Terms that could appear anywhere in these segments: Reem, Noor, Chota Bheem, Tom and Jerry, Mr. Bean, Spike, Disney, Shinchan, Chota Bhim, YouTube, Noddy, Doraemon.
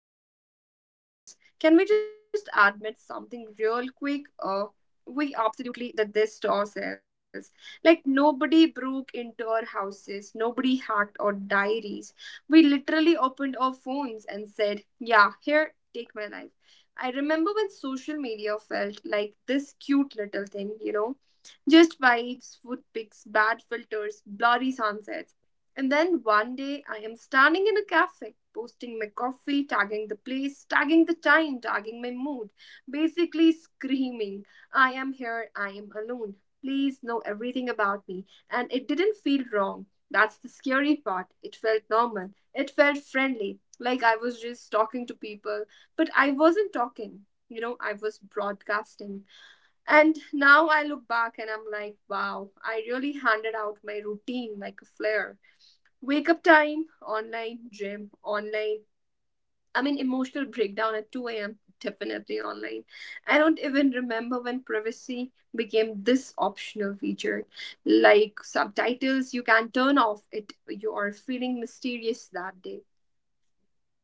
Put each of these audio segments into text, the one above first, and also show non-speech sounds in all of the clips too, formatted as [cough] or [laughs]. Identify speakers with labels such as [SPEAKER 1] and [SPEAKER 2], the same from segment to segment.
[SPEAKER 1] even pretend to be serious, can we just admit something real quick? We absolutely did this to ourselves. Like nobody broke into our houses, nobody hacked our diaries. We literally opened our phones and said, "Yeah, here, take my life." I remember when social media felt like this cute little thing, just vibes, food pics, bad filters, blurry sunsets. And then one day I am standing in a cafe, posting my coffee, tagging the place, tagging the time, tagging my mood, basically screaming, I am here, I am alone. Please know everything about me. And it didn't feel wrong. That's the scary part. It felt normal. It felt friendly, like I was just talking to people, but I wasn't talking. I was broadcasting. And now I look back and I'm like, wow, I really handed out my routine like a flare. Wake up time, online, gym, online. I mean, emotional breakdown at 2 a.m., definitely online. I don't even remember when privacy became this optional feature. Like subtitles, you can turn off it. You are feeling mysterious that day.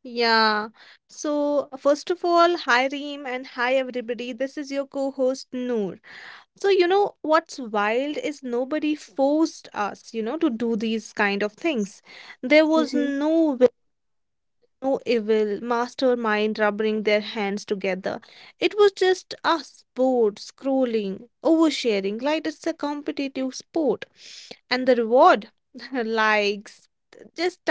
[SPEAKER 2] Yeah. So, first of all, hi Reem and hi everybody. This is your co-host Noor. So, you know what's wild is nobody forced us, to do these kind of things. There was no will, no evil mastermind rubbing their hands together. It was just us bored, scrolling, oversharing, like it's a competitive sport. And the reward, [laughs] likes, just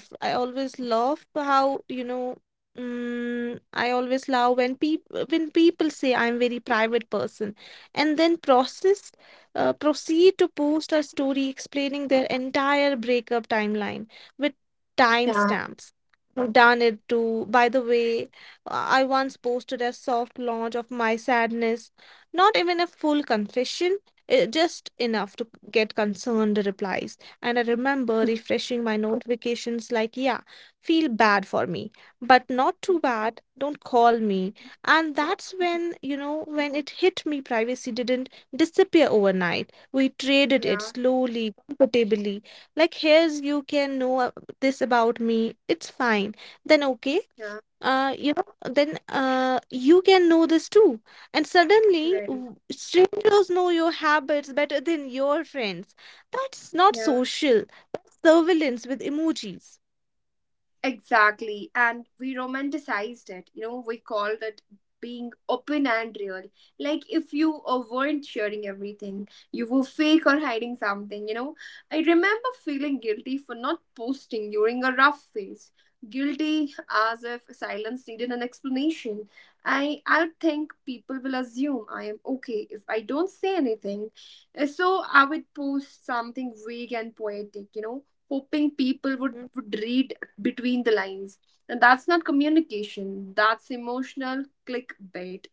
[SPEAKER 3] I always love how I always love when people say I'm very private person, and then process proceed to post a story explaining their entire breakup timeline with
[SPEAKER 1] Yeah.
[SPEAKER 3] timestamps. Done it too. By the way, I once posted a soft launch of my sadness, not even a full confession, just enough to get concerned replies. And I remember refreshing my notifications like, yeah, feel bad for me, but not too
[SPEAKER 1] Mhm.
[SPEAKER 3] bad. Don't call me. And that's when it hit me, privacy didn't disappear overnight. We traded it
[SPEAKER 1] Yeah.
[SPEAKER 3] slowly, comfortably. Like, here's you can know this about me. It's fine. Then, okay.
[SPEAKER 1] Yeah.
[SPEAKER 3] You can know this too. And suddenly,
[SPEAKER 1] Right.
[SPEAKER 3] strangers know your habits better than your friends. That's not
[SPEAKER 1] Yeah.
[SPEAKER 3] social surveillance with emojis.
[SPEAKER 1] Exactly. And we romanticized it. We called it being open and real. Like if you weren't sharing everything, you were fake or hiding something. I remember feeling guilty for not posting during a rough phase. Guilty as if silence needed an explanation. I would think people will assume I am okay if I don't say anything. So I would post something vague and poetic, hoping people would,
[SPEAKER 3] Mhm,
[SPEAKER 1] would read between the lines. And that's not communication, that's emotional clickbait.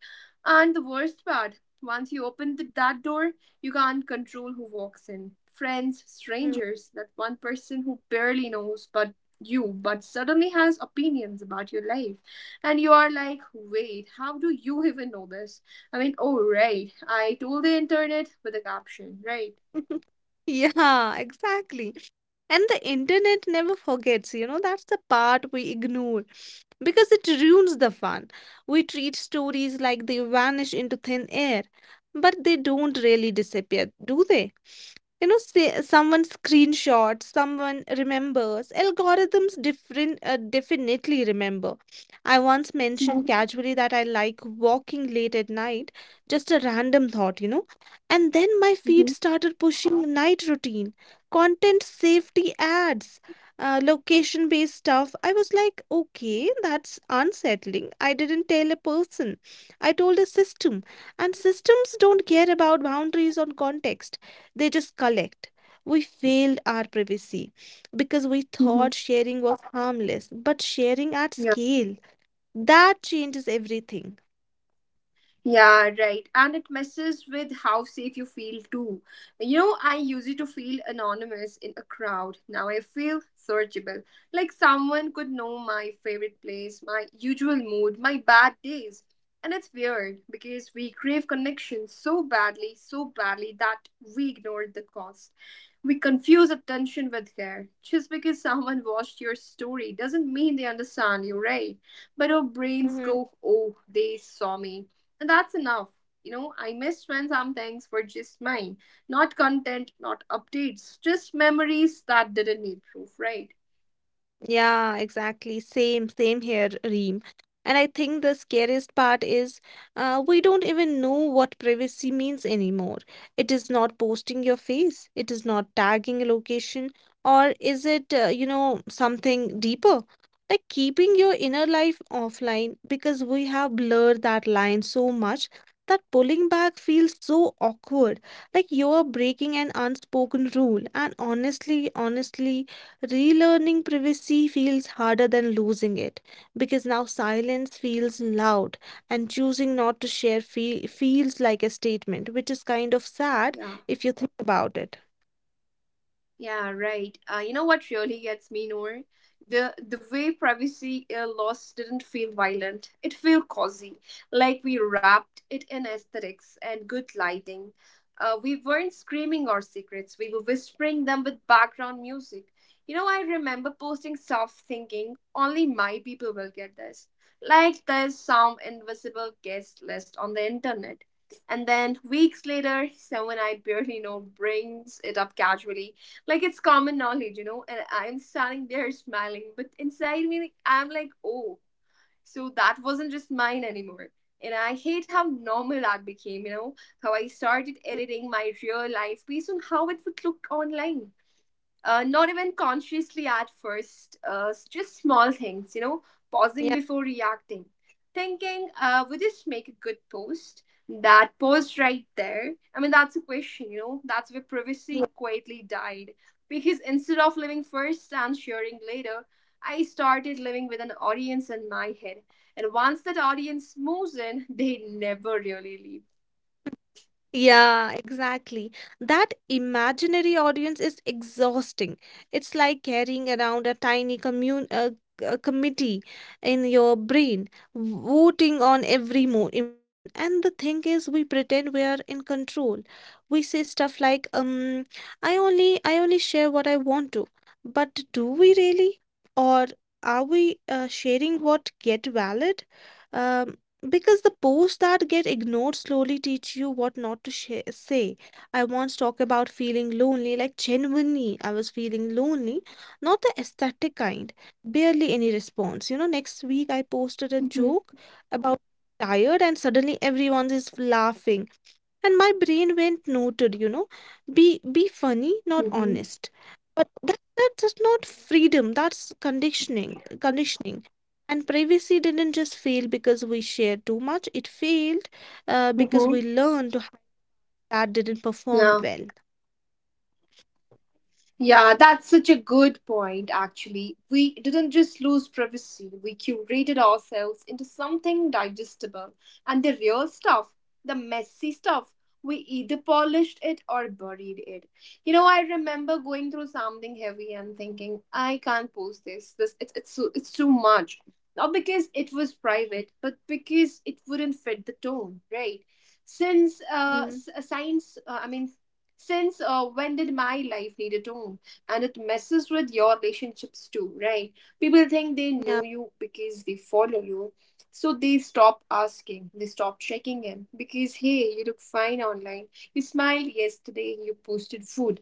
[SPEAKER 1] And the worst part, once you open that door, you can't control who walks in. Friends,
[SPEAKER 3] mhm.
[SPEAKER 1] strangers, that one person who barely knows but you, but suddenly has opinions about your life. And you are like, wait, how do you even know this? I mean, oh, right, I told the internet with a caption, right?
[SPEAKER 3] [laughs] Yeah, exactly. And the internet never forgets, you know, that's the part we ignore because it ruins the fun. We treat stories like they vanish into thin air, but they don't really disappear, do they? You know, say someone screenshots, someone remembers, algorithms different definitely remember. I once mentioned casually that I like walking late at night, just a random thought, you know. And then my feed
[SPEAKER 1] Hmm.
[SPEAKER 3] started pushing night routine content, safety ads, location based stuff. I was like, okay, that's unsettling. I didn't tell a person, I told a system. And systems don't care about boundaries on context, they just collect. We failed our privacy because we
[SPEAKER 1] Hmm.
[SPEAKER 3] thought sharing was harmless, but sharing at scale, that changes everything.
[SPEAKER 1] Yeah, right. And it messes with how safe you feel too. I used to feel anonymous in a crowd. Now I feel searchable. Like someone could know my favorite place, my usual mood, my bad days. And it's weird because we crave connection so badly that we ignore the cost. We confuse attention with care. Just because someone watched your story doesn't mean they understand you, right? But our brains go, oh, they saw me and that's enough. I missed when some things were just mine. Not content, not updates, just memories that didn't need proof, right?
[SPEAKER 3] Yeah, exactly. Same here, Reem. And I think the scariest part is, we don't even know what privacy means anymore. It is not posting your face, it is not tagging a location, or is it, something deeper? Like keeping your inner life offline because we have blurred that line so much that pulling back feels so awkward. Like you're breaking an unspoken rule. And honestly, relearning privacy feels harder than losing it because now silence feels loud and choosing not to share feels like a statement, which is kind of sad
[SPEAKER 1] Yeah.
[SPEAKER 3] if you think about it.
[SPEAKER 1] Yeah, right. You know what really gets me, Noor? The way privacy loss didn't feel violent. It felt cozy, like we wrapped it in aesthetics and good lighting. We weren't screaming our secrets. We were whispering them with background music. I remember posting stuff thinking only my people will get this. Like there's some invisible guest list on the internet. And then weeks later, someone I barely know brings it up casually like it's common knowledge, and I'm standing there smiling, but inside me, like, I'm like, oh, so that wasn't just mine anymore. And I hate how normal that became, how I started
[SPEAKER 3] Mm,
[SPEAKER 1] editing my real life based on how it would look online not even consciously at first, just small things, pausing
[SPEAKER 3] yeah.
[SPEAKER 1] before reacting, thinking, would this make a good post? That post right there. I mean, that's a question, that's where privacy quietly died. Because instead of living first and sharing later, I started living with an audience in my head. And once that audience moves in, [laughs] they never really leave.
[SPEAKER 3] Yeah, exactly. That imaginary audience is exhausting. It's like carrying around a tiny committee in your brain, voting on every mo emotion. And the thing is, we pretend we are in control. We say stuff like, I only share what I want to. But do we really? Or are we sharing what get valid? Um, because the posts that get ignored slowly teach you what not to share. Say I once talked about feeling lonely, like genuinely I was feeling lonely, not the aesthetic kind, barely any response, you know. Next week I posted a joke
[SPEAKER 1] Mm-hmm.
[SPEAKER 3] about tired and suddenly everyone is laughing, and my brain went noted, you know, be funny, not
[SPEAKER 1] Mm-hmm.
[SPEAKER 3] honest. But that's just not freedom, that's conditioning. And privacy didn't just fail because we shared too much, it failed because we
[SPEAKER 1] Mm-hmm.
[SPEAKER 3] learned to that didn't perform well.
[SPEAKER 1] Yeah, that's such a good point, actually. We didn't just lose privacy, we curated ourselves into something digestible. And the real stuff, the messy stuff, we either polished it or buried it. I remember going through something heavy and thinking, I can't post this. It's too much. Not because it was private, but because it wouldn't fit the tone, right?
[SPEAKER 3] Mm,
[SPEAKER 1] I mean, since when did my life need a tone, and it messes with your relationships too, right? People think they
[SPEAKER 3] yeah,
[SPEAKER 1] know you because they follow you, so they stop asking, they stop checking in because, hey, you look fine online, you smiled yesterday, you posted food.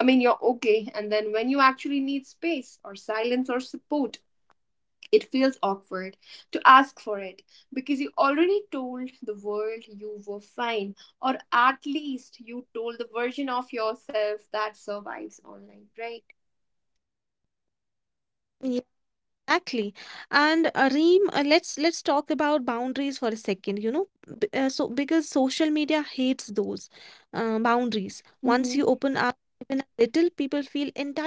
[SPEAKER 1] I mean, you're okay. And then when you actually need space or silence or support, it feels awkward to ask for it because you already told the world you were fine, or at least you told the version of yourself that survives online, right?
[SPEAKER 3] yeah. Exactly. And Reem, let's talk about boundaries for a second, you know. B so because social media hates those boundaries. Once you open up even
[SPEAKER 1] Mm-hmm.
[SPEAKER 3] a little, people feel entitled to more.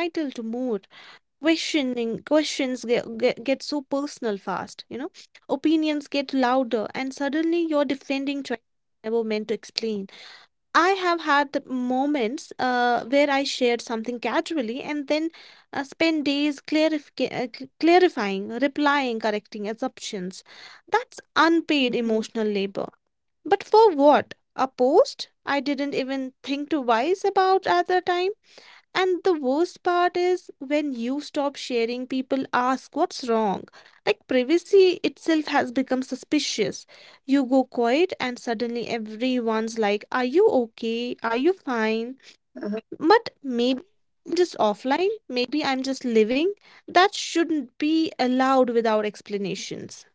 [SPEAKER 3] Questioning questions get so personal fast, you know. Opinions get louder, and suddenly you're defending choices you never meant to explain. I have had moments where I shared something casually and then spent days clarifying, replying, correcting assumptions. That's unpaid
[SPEAKER 1] Mm-hmm.
[SPEAKER 3] emotional labor. But for what? A post I didn't even think twice about at the time? And the worst part is when you stop sharing, people ask what's wrong. Like privacy itself has become suspicious. You go quiet, and suddenly everyone's like, are you okay? Are you fine? But maybe I'm just offline. Maybe I'm just living. That shouldn't be allowed without explanations.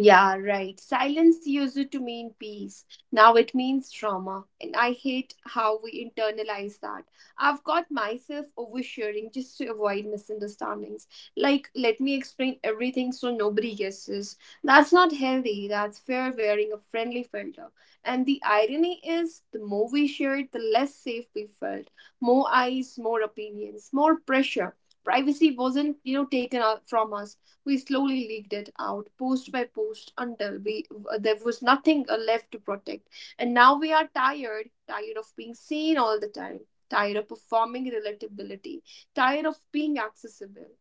[SPEAKER 1] Yeah, right. Silence used it to mean peace. Now it means trauma. And I hate how we internalize that. I've got myself oversharing just to avoid misunderstandings. Like, let me explain everything so nobody guesses. That's not healthy. That's fair wearing a friendly filter. And the irony is, the more we shared, the less safe we felt. More eyes, more opinions, more pressure. Privacy wasn't, taken out from us. We slowly leaked it out, post by post, until we there was nothing left to protect. And now we are tired, tired of being seen all the time, tired of performing relatability, tired of being accessible.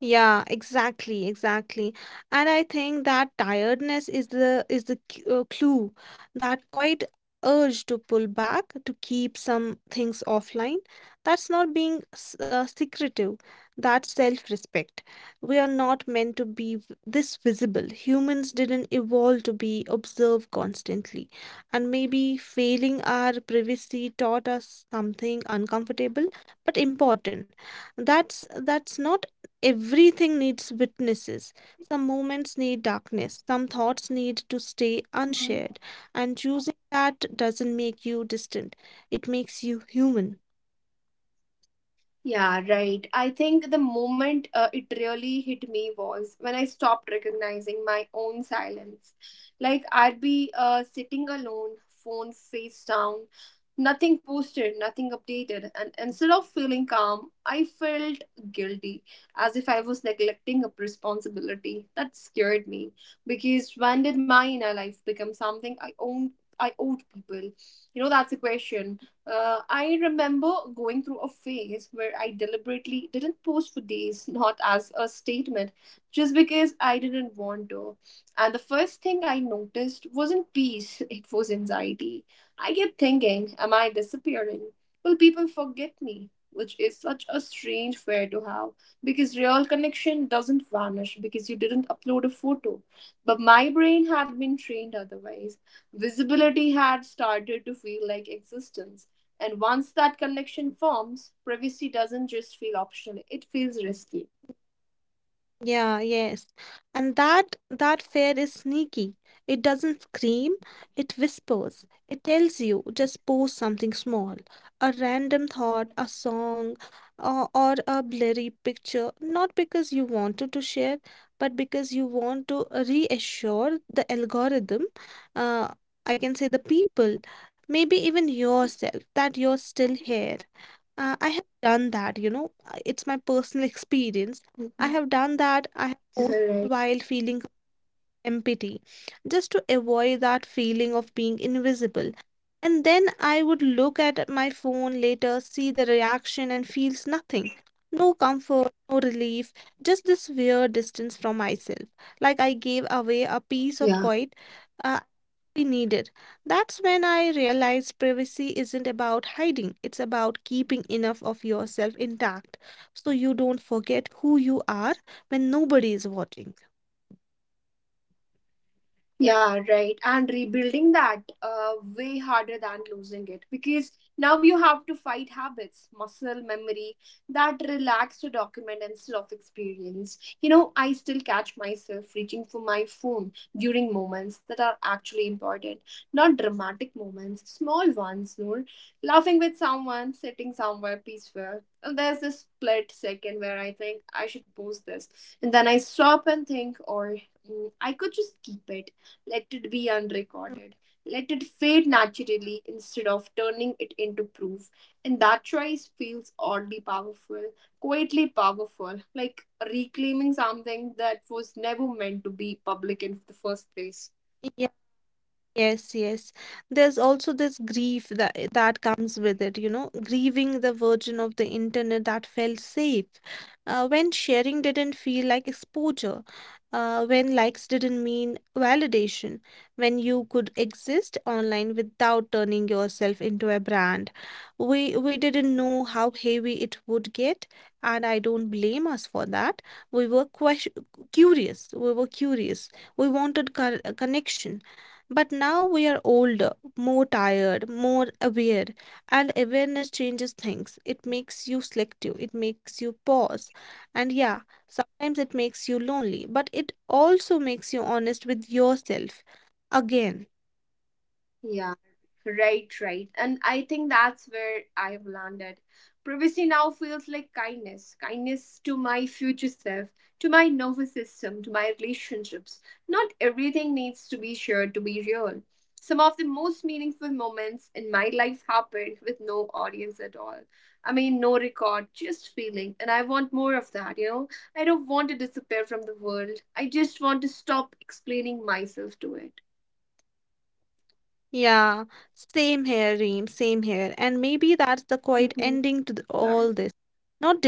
[SPEAKER 3] Yeah, exactly. And I think that tiredness is the clue, that quite urge to pull back, to keep some things offline. That's not being secretive. That's self-respect. We are not meant to be this visible. Humans didn't evolve to be observed constantly. And maybe failing our privacy taught us something uncomfortable but important, that's not everything needs witnesses. Some moments need darkness. Some thoughts need to stay unshared. And choosing that doesn't make you distant, it makes you human.
[SPEAKER 1] Yeah, right. I think the moment it really hit me was when I stopped recognizing my own silence. Like, I'd be sitting alone, phone face down, nothing posted, nothing updated. And instead of feeling calm, I felt guilty, as if I was neglecting a responsibility. That scared me because when did my inner life become something I owned? I owed people. That's a question. I remember going through a phase where I deliberately didn't post for days, not as a statement, just because I didn't want to. And the first thing I noticed wasn't peace, it was anxiety. I kept thinking, am I disappearing? Will people forget me? Which is such a strange fear to have because real connection doesn't vanish because you didn't upload a photo. But my brain had been trained otherwise. Visibility had started to feel like existence. And once that connection forms, privacy doesn't just feel optional, it feels risky.
[SPEAKER 3] Yeah, yes. And that fear is sneaky. It doesn't scream, it whispers. It tells you just post something small, a random thought, a song, or a blurry picture, not because you wanted to share, but because you want to reassure the algorithm, uh, I can say the people, maybe even yourself, that you're still here. I have done that, you know. It's my personal [laughs] experience. I
[SPEAKER 1] Mhm.
[SPEAKER 3] have done that. I have posted
[SPEAKER 1] Right.
[SPEAKER 3] while feeling empty, just to avoid that feeling of being invisible. And then I would look at my phone later, see the reaction, and feels nothing. No comfort, no relief, just this weird distance from myself. Like I gave away a piece of
[SPEAKER 1] Yeah.
[SPEAKER 3] quiet uh, needed. That's when I realized privacy isn't about hiding, it's about keeping enough of yourself intact so you don't forget who you are when nobody is watching.
[SPEAKER 1] Yeah, right. And rebuilding that way harder than losing it because now you have to fight habits, muscle memory that relax to document instead of experience. I still catch myself reaching for my phone during moments that are actually important, not dramatic moments, small ones, Noor. Laughing with someone, sitting somewhere peaceful. And there's this split second where I think I should post this. And then I stop and think, or I could just keep it, let it be unrecorded. Let it fade naturally instead of turning it into proof. And that choice feels oddly powerful, quietly powerful, like reclaiming something that was never meant to be public in the first place.
[SPEAKER 3] Yes, yes. There's also this grief that comes with it, you know, grieving the version of the internet that felt safe, when sharing didn't feel like exposure, when likes didn't mean validation, when you could exist online without turning yourself into a brand. We didn't know how heavy it would get, and I don't blame us for that. We were curious. We were curious. We wanted a connection, but now we are older, more tired, more aware, and awareness changes things. It makes you selective, it makes you pause. And yeah, sometimes it makes you lonely, but it also makes you honest with yourself again.
[SPEAKER 1] Yeah. Right, right. And I think that's where I have landed. Privacy now feels like kindness to my future self, to my nervous system, to my relationships. Not everything needs to be shared to be real. Some of the most meaningful moments in my life happened with no audience at all. I mean, no record, just feeling. And I want more of that, you know? I don't want to disappear from the world. I just want to stop explaining myself to it.
[SPEAKER 3] Yeah, same here, Reem, same here. And maybe that's the quiet
[SPEAKER 1] Hmm.
[SPEAKER 3] ending to all this. Not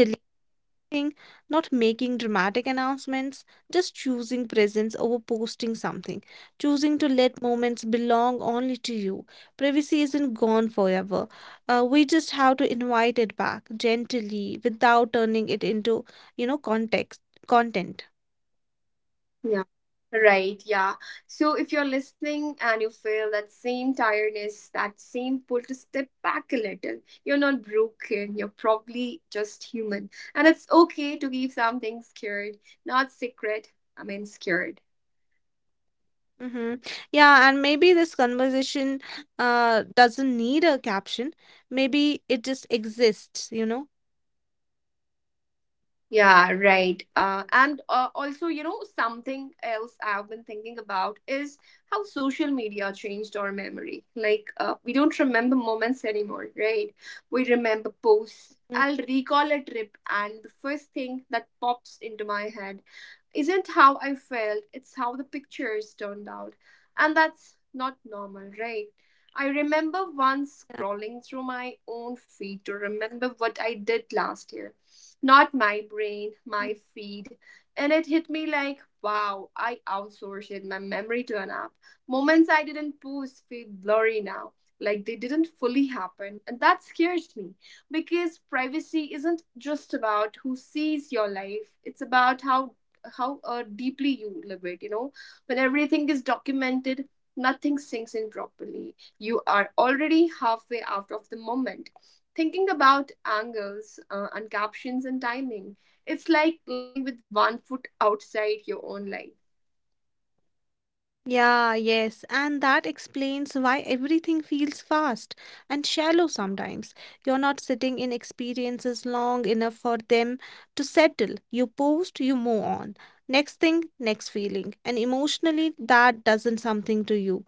[SPEAKER 3] thing, not making dramatic announcements, just choosing presence over posting something, choosing to let moments belong only to you. Privacy isn't gone forever. We just have to invite it back gently without turning it into, you know, context content.
[SPEAKER 1] Yeah. Right, yeah. So if you're listening and you feel that same tiredness, that same pull to step back a little, you're not broken, you're probably just human. And it's okay to keep something scared, not secret, I mean scared.
[SPEAKER 3] Mm-hmm. Yeah, and maybe this conversation doesn't need a caption. Maybe it just exists, you know?
[SPEAKER 1] Yeah, right. And also, something else I've been thinking about is how social media changed our memory. Like, we don't remember moments anymore, right? We remember posts.
[SPEAKER 3] Mm,
[SPEAKER 1] I'll recall a trip, and the first thing that pops into my head isn't how I felt, it's how the pictures turned out. And that's not normal, right? I remember once
[SPEAKER 3] yeah.
[SPEAKER 1] scrolling through my own feed to remember what I did last year, not my brain, my feed. And it hit me like, wow, I outsourced my memory to an app. Moments I didn't post feel blurry now, like they didn't fully happen. And that scares me because privacy isn't just about who sees your life, it's about how deeply you live it. When everything is documented, nothing sinks in properly. You are already halfway out of the moment, thinking about angles and captions and timing, it's like living with one foot outside your own life.
[SPEAKER 3] Yeah, yes, and that explains why everything feels fast and shallow sometimes. You're not sitting in experiences long enough for them to settle. You post, you move on. Next thing, next feeling. And emotionally, that doesn't something to you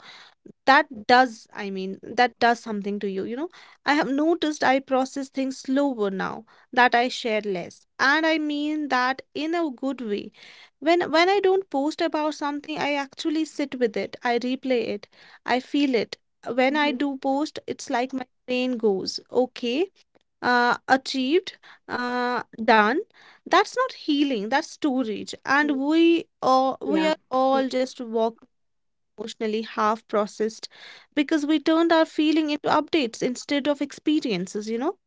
[SPEAKER 3] that does, I mean that does something to you, you know. I have noticed I process things slower now that I share less, and I mean that in a good way. When I don't post about something, I actually sit with it, I replay it, I feel it. When I
[SPEAKER 1] Mhm.
[SPEAKER 3] do post, it's like my brain goes okay, achieved, done. That's not healing, that's storage.
[SPEAKER 1] Mm.
[SPEAKER 3] And we are
[SPEAKER 1] Yeah.
[SPEAKER 3] all just walking emotionally half processed because we turned our feeling into updates instead of experiences, you know?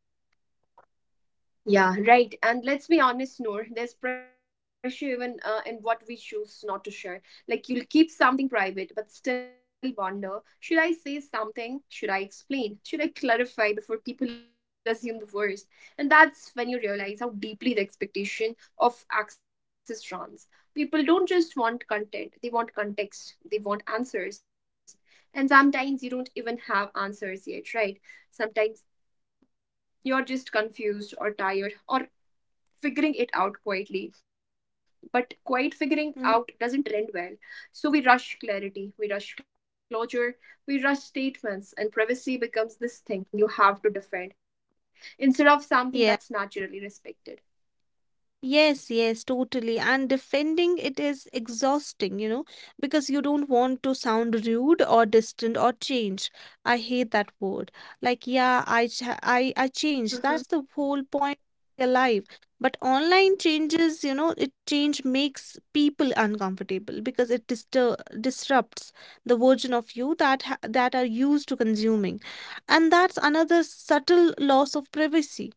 [SPEAKER 1] Yeah, right. And let's be honest, Noor, there's pressure even in what we choose not to share. Like, you'll keep something private, but still wonder should I say something? Should I explain? Should I clarify before people assume the worst? And that's when you realize how deeply the expectation of access runs. People don't just want content, they want context, they want answers. And sometimes you don't even have answers yet, right? Sometimes you're just confused or tired or figuring it out quietly. But quiet figuring
[SPEAKER 3] Mhm.
[SPEAKER 1] out doesn't trend well. So we rush clarity, we rush closure, we rush statements, and privacy becomes this thing you have to defend instead of something
[SPEAKER 3] Yeah.
[SPEAKER 1] that's naturally respected.
[SPEAKER 3] Yes, yes, totally. And defending it is exhausting, you know, because you don't want to sound rude or distant or change. I hate that word. Like, yeah, I ch I change.
[SPEAKER 1] Uh-huh.
[SPEAKER 3] That's the whole point of life. But online changes, you know, it change makes people uncomfortable because it distur disrupts the version of you that ha that are used to consuming. And that's another subtle loss of privacy,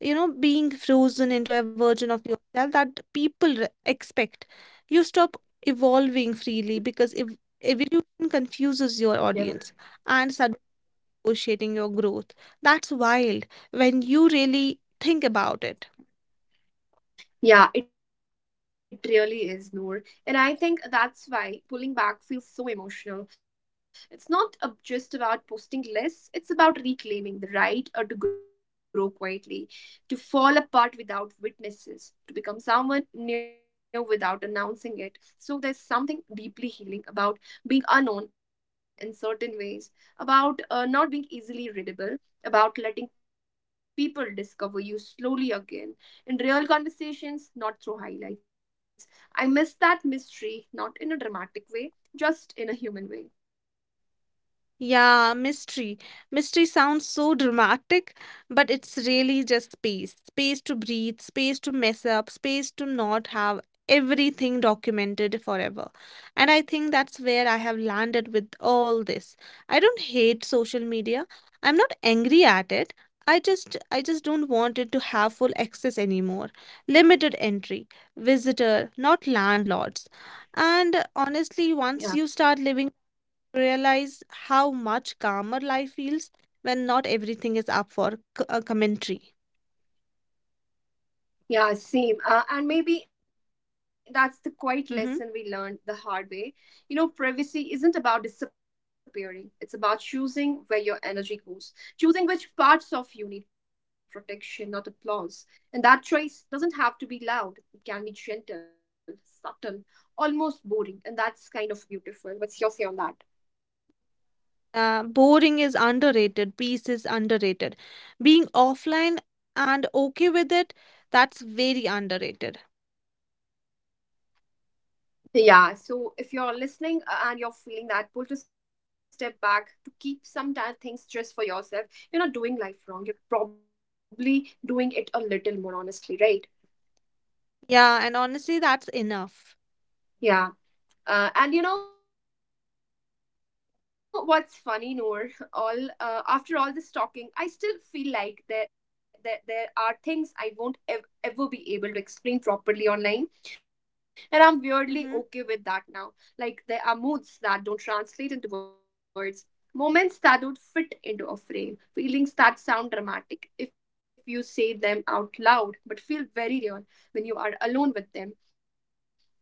[SPEAKER 3] you know, being frozen into a version of yourself that people expect. You stop evolving freely because if evolution confuses your
[SPEAKER 1] Yeah.
[SPEAKER 3] audience and starts negotiating your growth, that's wild when you really think about it.
[SPEAKER 1] Yeah, it really is, Noor. And I think that's why pulling back feels so emotional. It's not just about posting less, it's about reclaiming the right to grow quietly, to fall apart without witnesses, to become someone new without announcing it. So there's something deeply healing about being unknown in certain ways, about not being easily readable. About letting people discover you slowly again in real conversations, not through highlights. I miss that mystery, not in a dramatic way, just in a human way.
[SPEAKER 3] Yeah, mystery. Mystery sounds so dramatic, but it's really just space. Space to breathe, space to mess up, space to not have everything documented forever. And I think that's where I have landed with all this. I don't hate social media. I'm not angry at it. I just don't want it to have full access anymore. Limited entry, visitor, not landlords. And honestly, once you start
[SPEAKER 1] Yeah.
[SPEAKER 3] living, realize how much calmer life feels when not everything is up for a commentary.
[SPEAKER 1] Yeah, same. And maybe that's the quiet lesson
[SPEAKER 3] Mhm.
[SPEAKER 1] we learned the hard way. You know, privacy isn't about disappearing, it's about choosing where your energy goes, choosing which parts of you need protection, not applause. And that choice doesn't have to be loud, it can be gentle, subtle, almost boring. And that's kind of beautiful. What's your say on that?
[SPEAKER 3] Boring is underrated, peace is underrated. Being offline and okay with it, that's very underrated.
[SPEAKER 1] Yeah, so if you're listening and you're feeling that pull to step back, to keep some things just for yourself, you're not doing life wrong. You're probably doing it a little more honestly, right?
[SPEAKER 3] Yeah, and honestly, that's enough.
[SPEAKER 1] Yeah. And you know what's funny, Noor? [laughs] All After all this talking, I still feel like there are things I won't ev- ever be able to explain properly online, and I'm weirdly
[SPEAKER 3] Hmm.
[SPEAKER 1] okay with that now. Like there are moods that don't translate into words, moments that don't fit into a frame, feelings that sound dramatic if you say them out loud, but feel very real when you are alone with them.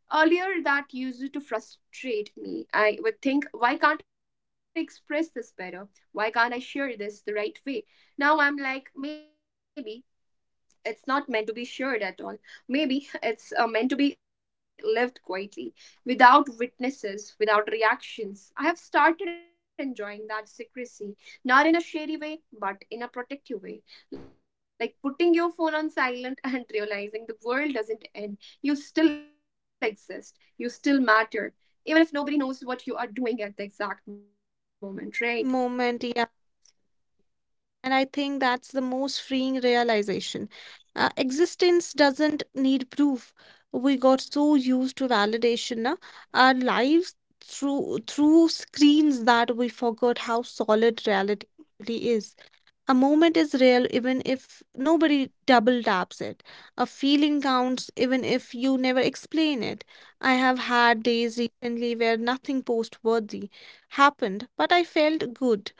[SPEAKER 1] Earlier, that used to frustrate me. I would think, why can't I express this better? Why can't I share this the right way? Now I'm like, maybe it's not meant to be shared at all. Maybe it's meant to be lived quietly, without witnesses, without reactions. I have started enjoying that secrecy, not in a shady way, but in a protective way. Like putting your phone on silent [laughs] and realizing the world doesn't end. You still exist, you still matter, even if nobody knows what you are doing at the exact moment, right?
[SPEAKER 3] Moment, and I think that's the most freeing realization. Existence doesn't need proof. We got so used to validation, na? Our lives through screens that we forgot how solid reality really is. A moment is real even if nobody double taps it. A feeling counts even if you never explain it. I have had days recently where nothing post worthy happened, but I felt good,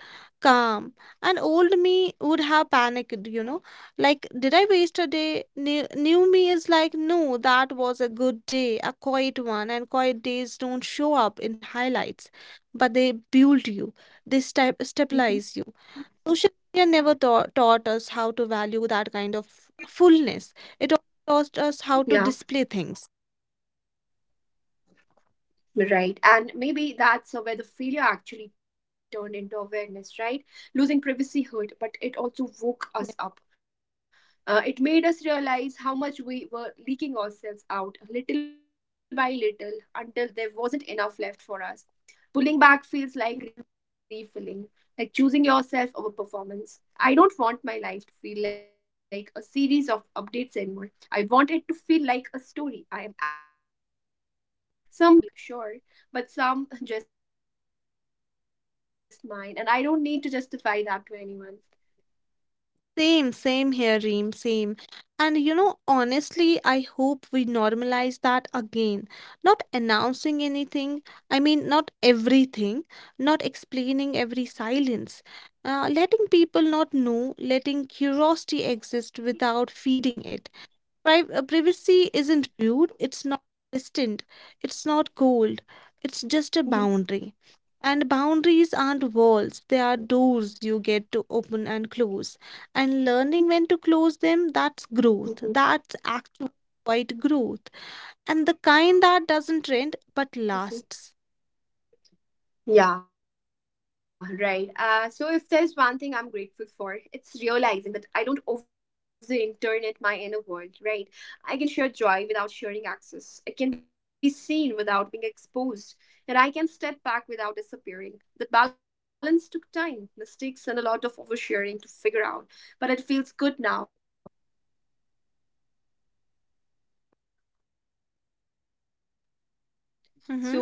[SPEAKER 3] calm, and old me would have panicked. Like, did I waste a day? New me is like, no, that was a good day, a quiet one, and quiet days don't show up in highlights, but they build you, they stabilize you. Social media never taught us how to value that kind of fullness. It only taught us how to display
[SPEAKER 1] [laughs]
[SPEAKER 3] things.
[SPEAKER 1] Yeah. Right, and maybe that's where the failure actually turned into awareness, right? Losing privacy hurt, but it also woke us up. It made us realize how much we were leaking ourselves out little by little until there wasn't enough left for us. Pulling back feels like refilling, like choosing yourself over performance. I don't want my life to feel like a series of updates anymore. I want it to feel like a story I am actually inside of. Some chapters public, sure, but some [laughs] just mine, and I don't need to justify that to anyone.
[SPEAKER 3] Same, same here, Reem, same. And honestly, I hope we normalize that again. Not announcing anything, I mean, not everything, not explaining every silence. Letting people not know, letting curiosity exist without feeding it. Privacy isn't rude, it's not distant, it's not cold, it's just a
[SPEAKER 1] Mhm,
[SPEAKER 3] boundary. And boundaries aren't walls, they are doors you get to open and close. And learning when to close them, that's
[SPEAKER 1] mhm,
[SPEAKER 3] growth. That's actual quite growth. And the kind that doesn't trend but
[SPEAKER 1] mhm.
[SPEAKER 3] lasts.
[SPEAKER 1] Yeah, right. So if there's one thing I'm grateful for, it's realizing that I don't owe the internet my inner world, right? I can share joy without sharing access. I can be seen without being exposed, and I can step back without disappearing. That balance took time, mistakes, and a lot of oversharing to figure out, but it feels good now, grounded and real.
[SPEAKER 3] Mm-hmm.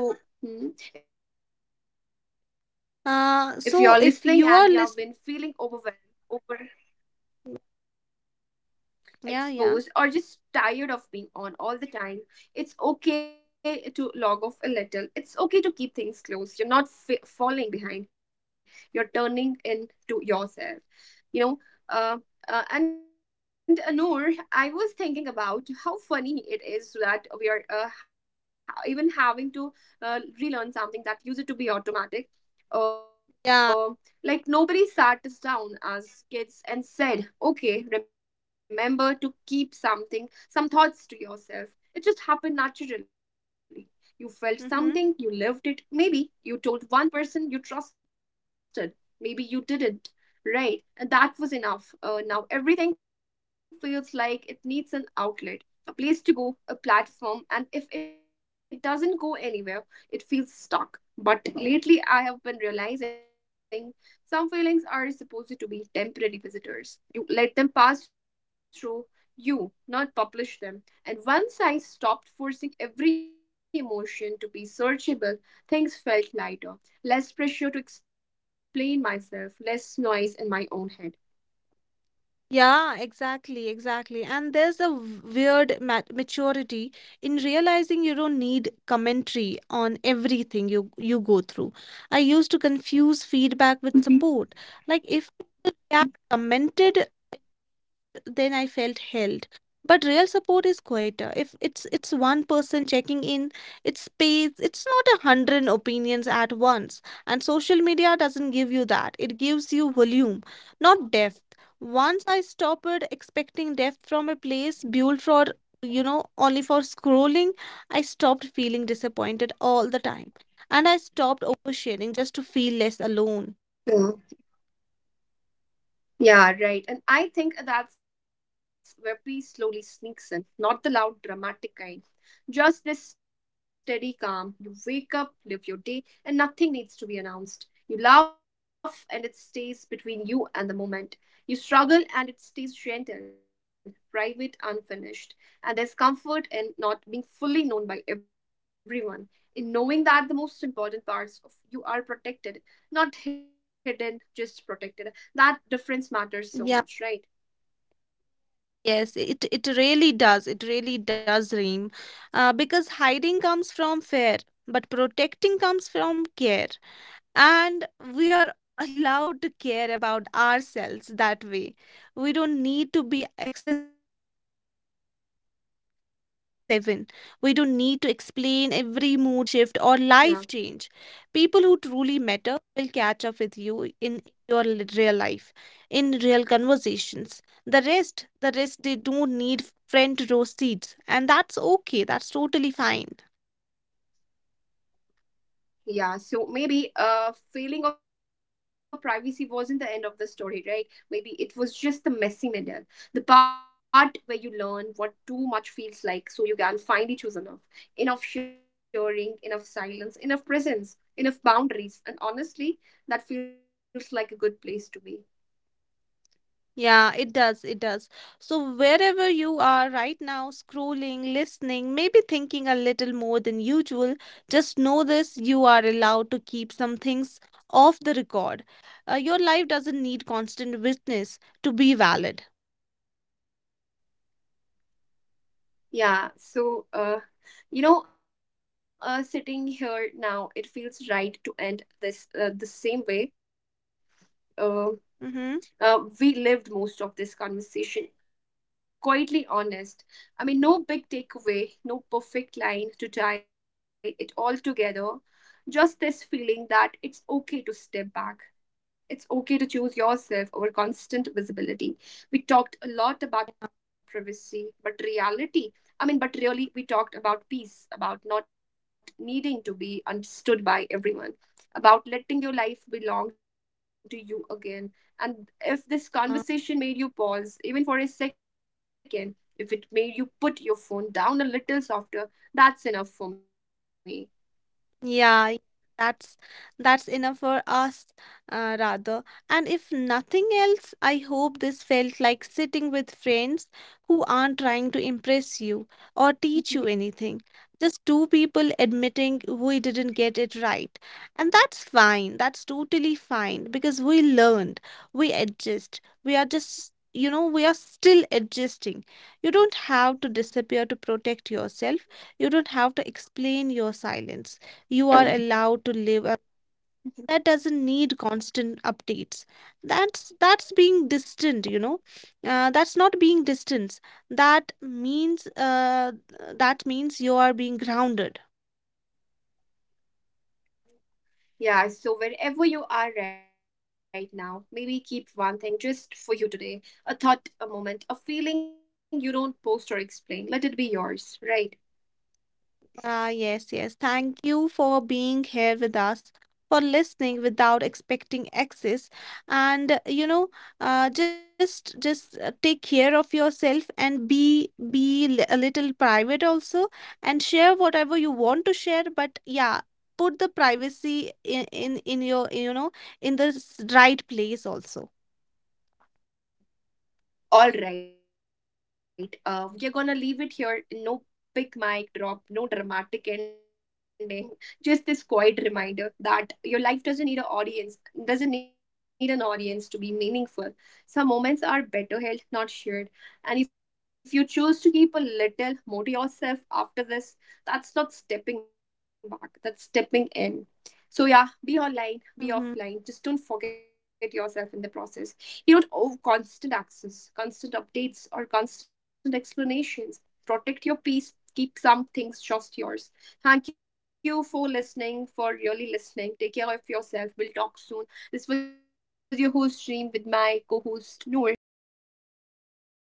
[SPEAKER 1] So, if
[SPEAKER 3] Uh,
[SPEAKER 1] you're
[SPEAKER 3] so
[SPEAKER 1] listening
[SPEAKER 3] if
[SPEAKER 1] and you
[SPEAKER 3] you
[SPEAKER 1] have
[SPEAKER 3] are
[SPEAKER 1] been
[SPEAKER 3] listening,
[SPEAKER 1] feeling overwhelmed,
[SPEAKER 3] yeah,
[SPEAKER 1] exposed,
[SPEAKER 3] yeah,
[SPEAKER 1] or just tired of being on all the time, it's okay to log off a little. It's okay to keep things closed. You're not falling behind, you're turning into yourself, you know. Uh, and Noor, I was thinking about how funny it is that we are even having to relearn something that used to be automatic. Uh,
[SPEAKER 3] yeah.
[SPEAKER 1] like nobody sat us down as kids and said, okay, remember to keep something, some thoughts to yourself. It just happened naturally. You felt something,
[SPEAKER 3] Mm-hmm.
[SPEAKER 1] you lived it. Maybe you told one person you trusted, maybe you didn't, right? And that was enough. Now everything feels like it needs an outlet, a place to go, a platform, and if it doesn't go anywhere, it feels stuck. But lately, I have been realizing some feelings are supposed to be temporary visitors. You let them pass through you, not publish them. And once I stopped forcing every emotion to be searchable, things felt lighter. Less pressure to explain myself, less noise in my own head.
[SPEAKER 3] Yeah, exactly, exactly. And there's a weird maturity in realizing you don't need commentary
[SPEAKER 1] Mhm.
[SPEAKER 3] on everything you go through. I used to confuse
[SPEAKER 1] Mhm.
[SPEAKER 3] feedback with support. Like if people react commented, then I felt held. But real support is quieter. If it's one person checking in, it's space, it's not 100 opinions at once. And social media doesn't give you that. It gives you volume, not depth. Once I stopped expecting depth from a place built for only for scrolling, I stopped feeling disappointed all the time. And I stopped oversharing just to feel less alone.
[SPEAKER 1] Yeah. Yeah, right. And I think that's where peace slowly sneaks in, not the loud, dramatic kind. Just this steady calm. You wake up, live your day, and nothing needs to be announced. You laugh, and it stays between you and the moment. You struggle, and it stays gentle, private, unfinished. And there's comfort in not being fully known by everyone, in knowing that the most important parts of you are protected, not hidden, just protected. That difference matters so much,
[SPEAKER 3] Yeah.
[SPEAKER 1] right?
[SPEAKER 3] Yes, it really does. It really does, Reem, because hiding comes from fear, but protecting comes from care, and we are allowed to care about ourselves that way. We don't need to be accessible 24 into 7. We don't need to explain every mood shift or life change.
[SPEAKER 1] Yeah.
[SPEAKER 3] People who truly matter will catch up with you in your real life, in real conversations. The rest, they don't need friend row seats. And that's okay. That's totally fine.
[SPEAKER 1] Yeah, so maybe failing of privacy wasn't the end of the story, right? Maybe it was just the messy middle, the part where you learn what too much feels like, so you can finally choose enough. Enough sharing, enough silence, enough presence, enough boundaries. And honestly, that feels like a good place to be.
[SPEAKER 3] Yeah, it does. It does. So, wherever you are right now, scrolling, listening, maybe thinking a little more than usual, just know this. You are allowed to keep some things off the record. Your life doesn't need constant witness to be valid.
[SPEAKER 1] Yeah, so sitting here now, it feels right to end this the same way. uh,
[SPEAKER 3] Mm-hmm.
[SPEAKER 1] uh, we lived most of this conversation quietly honest. I mean, no big takeaway, no perfect line to tie it all together, just this feeling that it's okay to step back, it's okay to choose yourself over constant visibility. We talked a lot about privacy, but reality I mean, but really we talked about peace, about not needing to be understood by everyone, about letting your life belong to you again. And if this conversation made you pause, even for a second, if it made you put your phone down a little softer, that's enough for me.
[SPEAKER 3] Yeah, that's enough for us, rather. And if nothing else, I hope this felt like sitting with friends who aren't trying to impress you or teach you anything. Just two people admitting we didn't get it right. And that's fine. That's totally fine because we learned, we adjust. We are just, we are still adjusting. You don't have to disappear to protect yourself. You don't have to explain your silence. You are allowed to live a that doesn't need constant updates. That's being distant. That's not being distant. That means, that means you are being grounded.
[SPEAKER 1] Yeah, so wherever you are right now, maybe keep one thing just for you today, a thought, a moment, a feeling you don't post or explain. Let it be yours, right?
[SPEAKER 3] Ah, yes, yes. Thank you for being here with us, for listening without expecting access. And just, take care of yourself and be a little private also, and share whatever you want to share. But yeah, put the privacy in your in the right place also.
[SPEAKER 1] All right, we're gonna leave it here. No big mic drop, no dramatic ending. [laughs] Just this quiet reminder that your life doesn't need an audience, doesn't need an audience to be meaningful. Some moments are better held, not shared. And if you choose to keep a little more to yourself after this, that's not stepping back, that's stepping in. So, yeah, be online, be offline.
[SPEAKER 3] Hmm.
[SPEAKER 1] Just don't forget yourself in the process. You don't owe constant access, constant updates, or constant explanations. Protect your peace. Keep some things just yours. Thank you for listening, for really listening. Take care of yourself. We'll talk soon. This was your host, Dream, with my co host, Noor. We'll catch you in the next episode.
[SPEAKER 3] No,
[SPEAKER 1] Till then,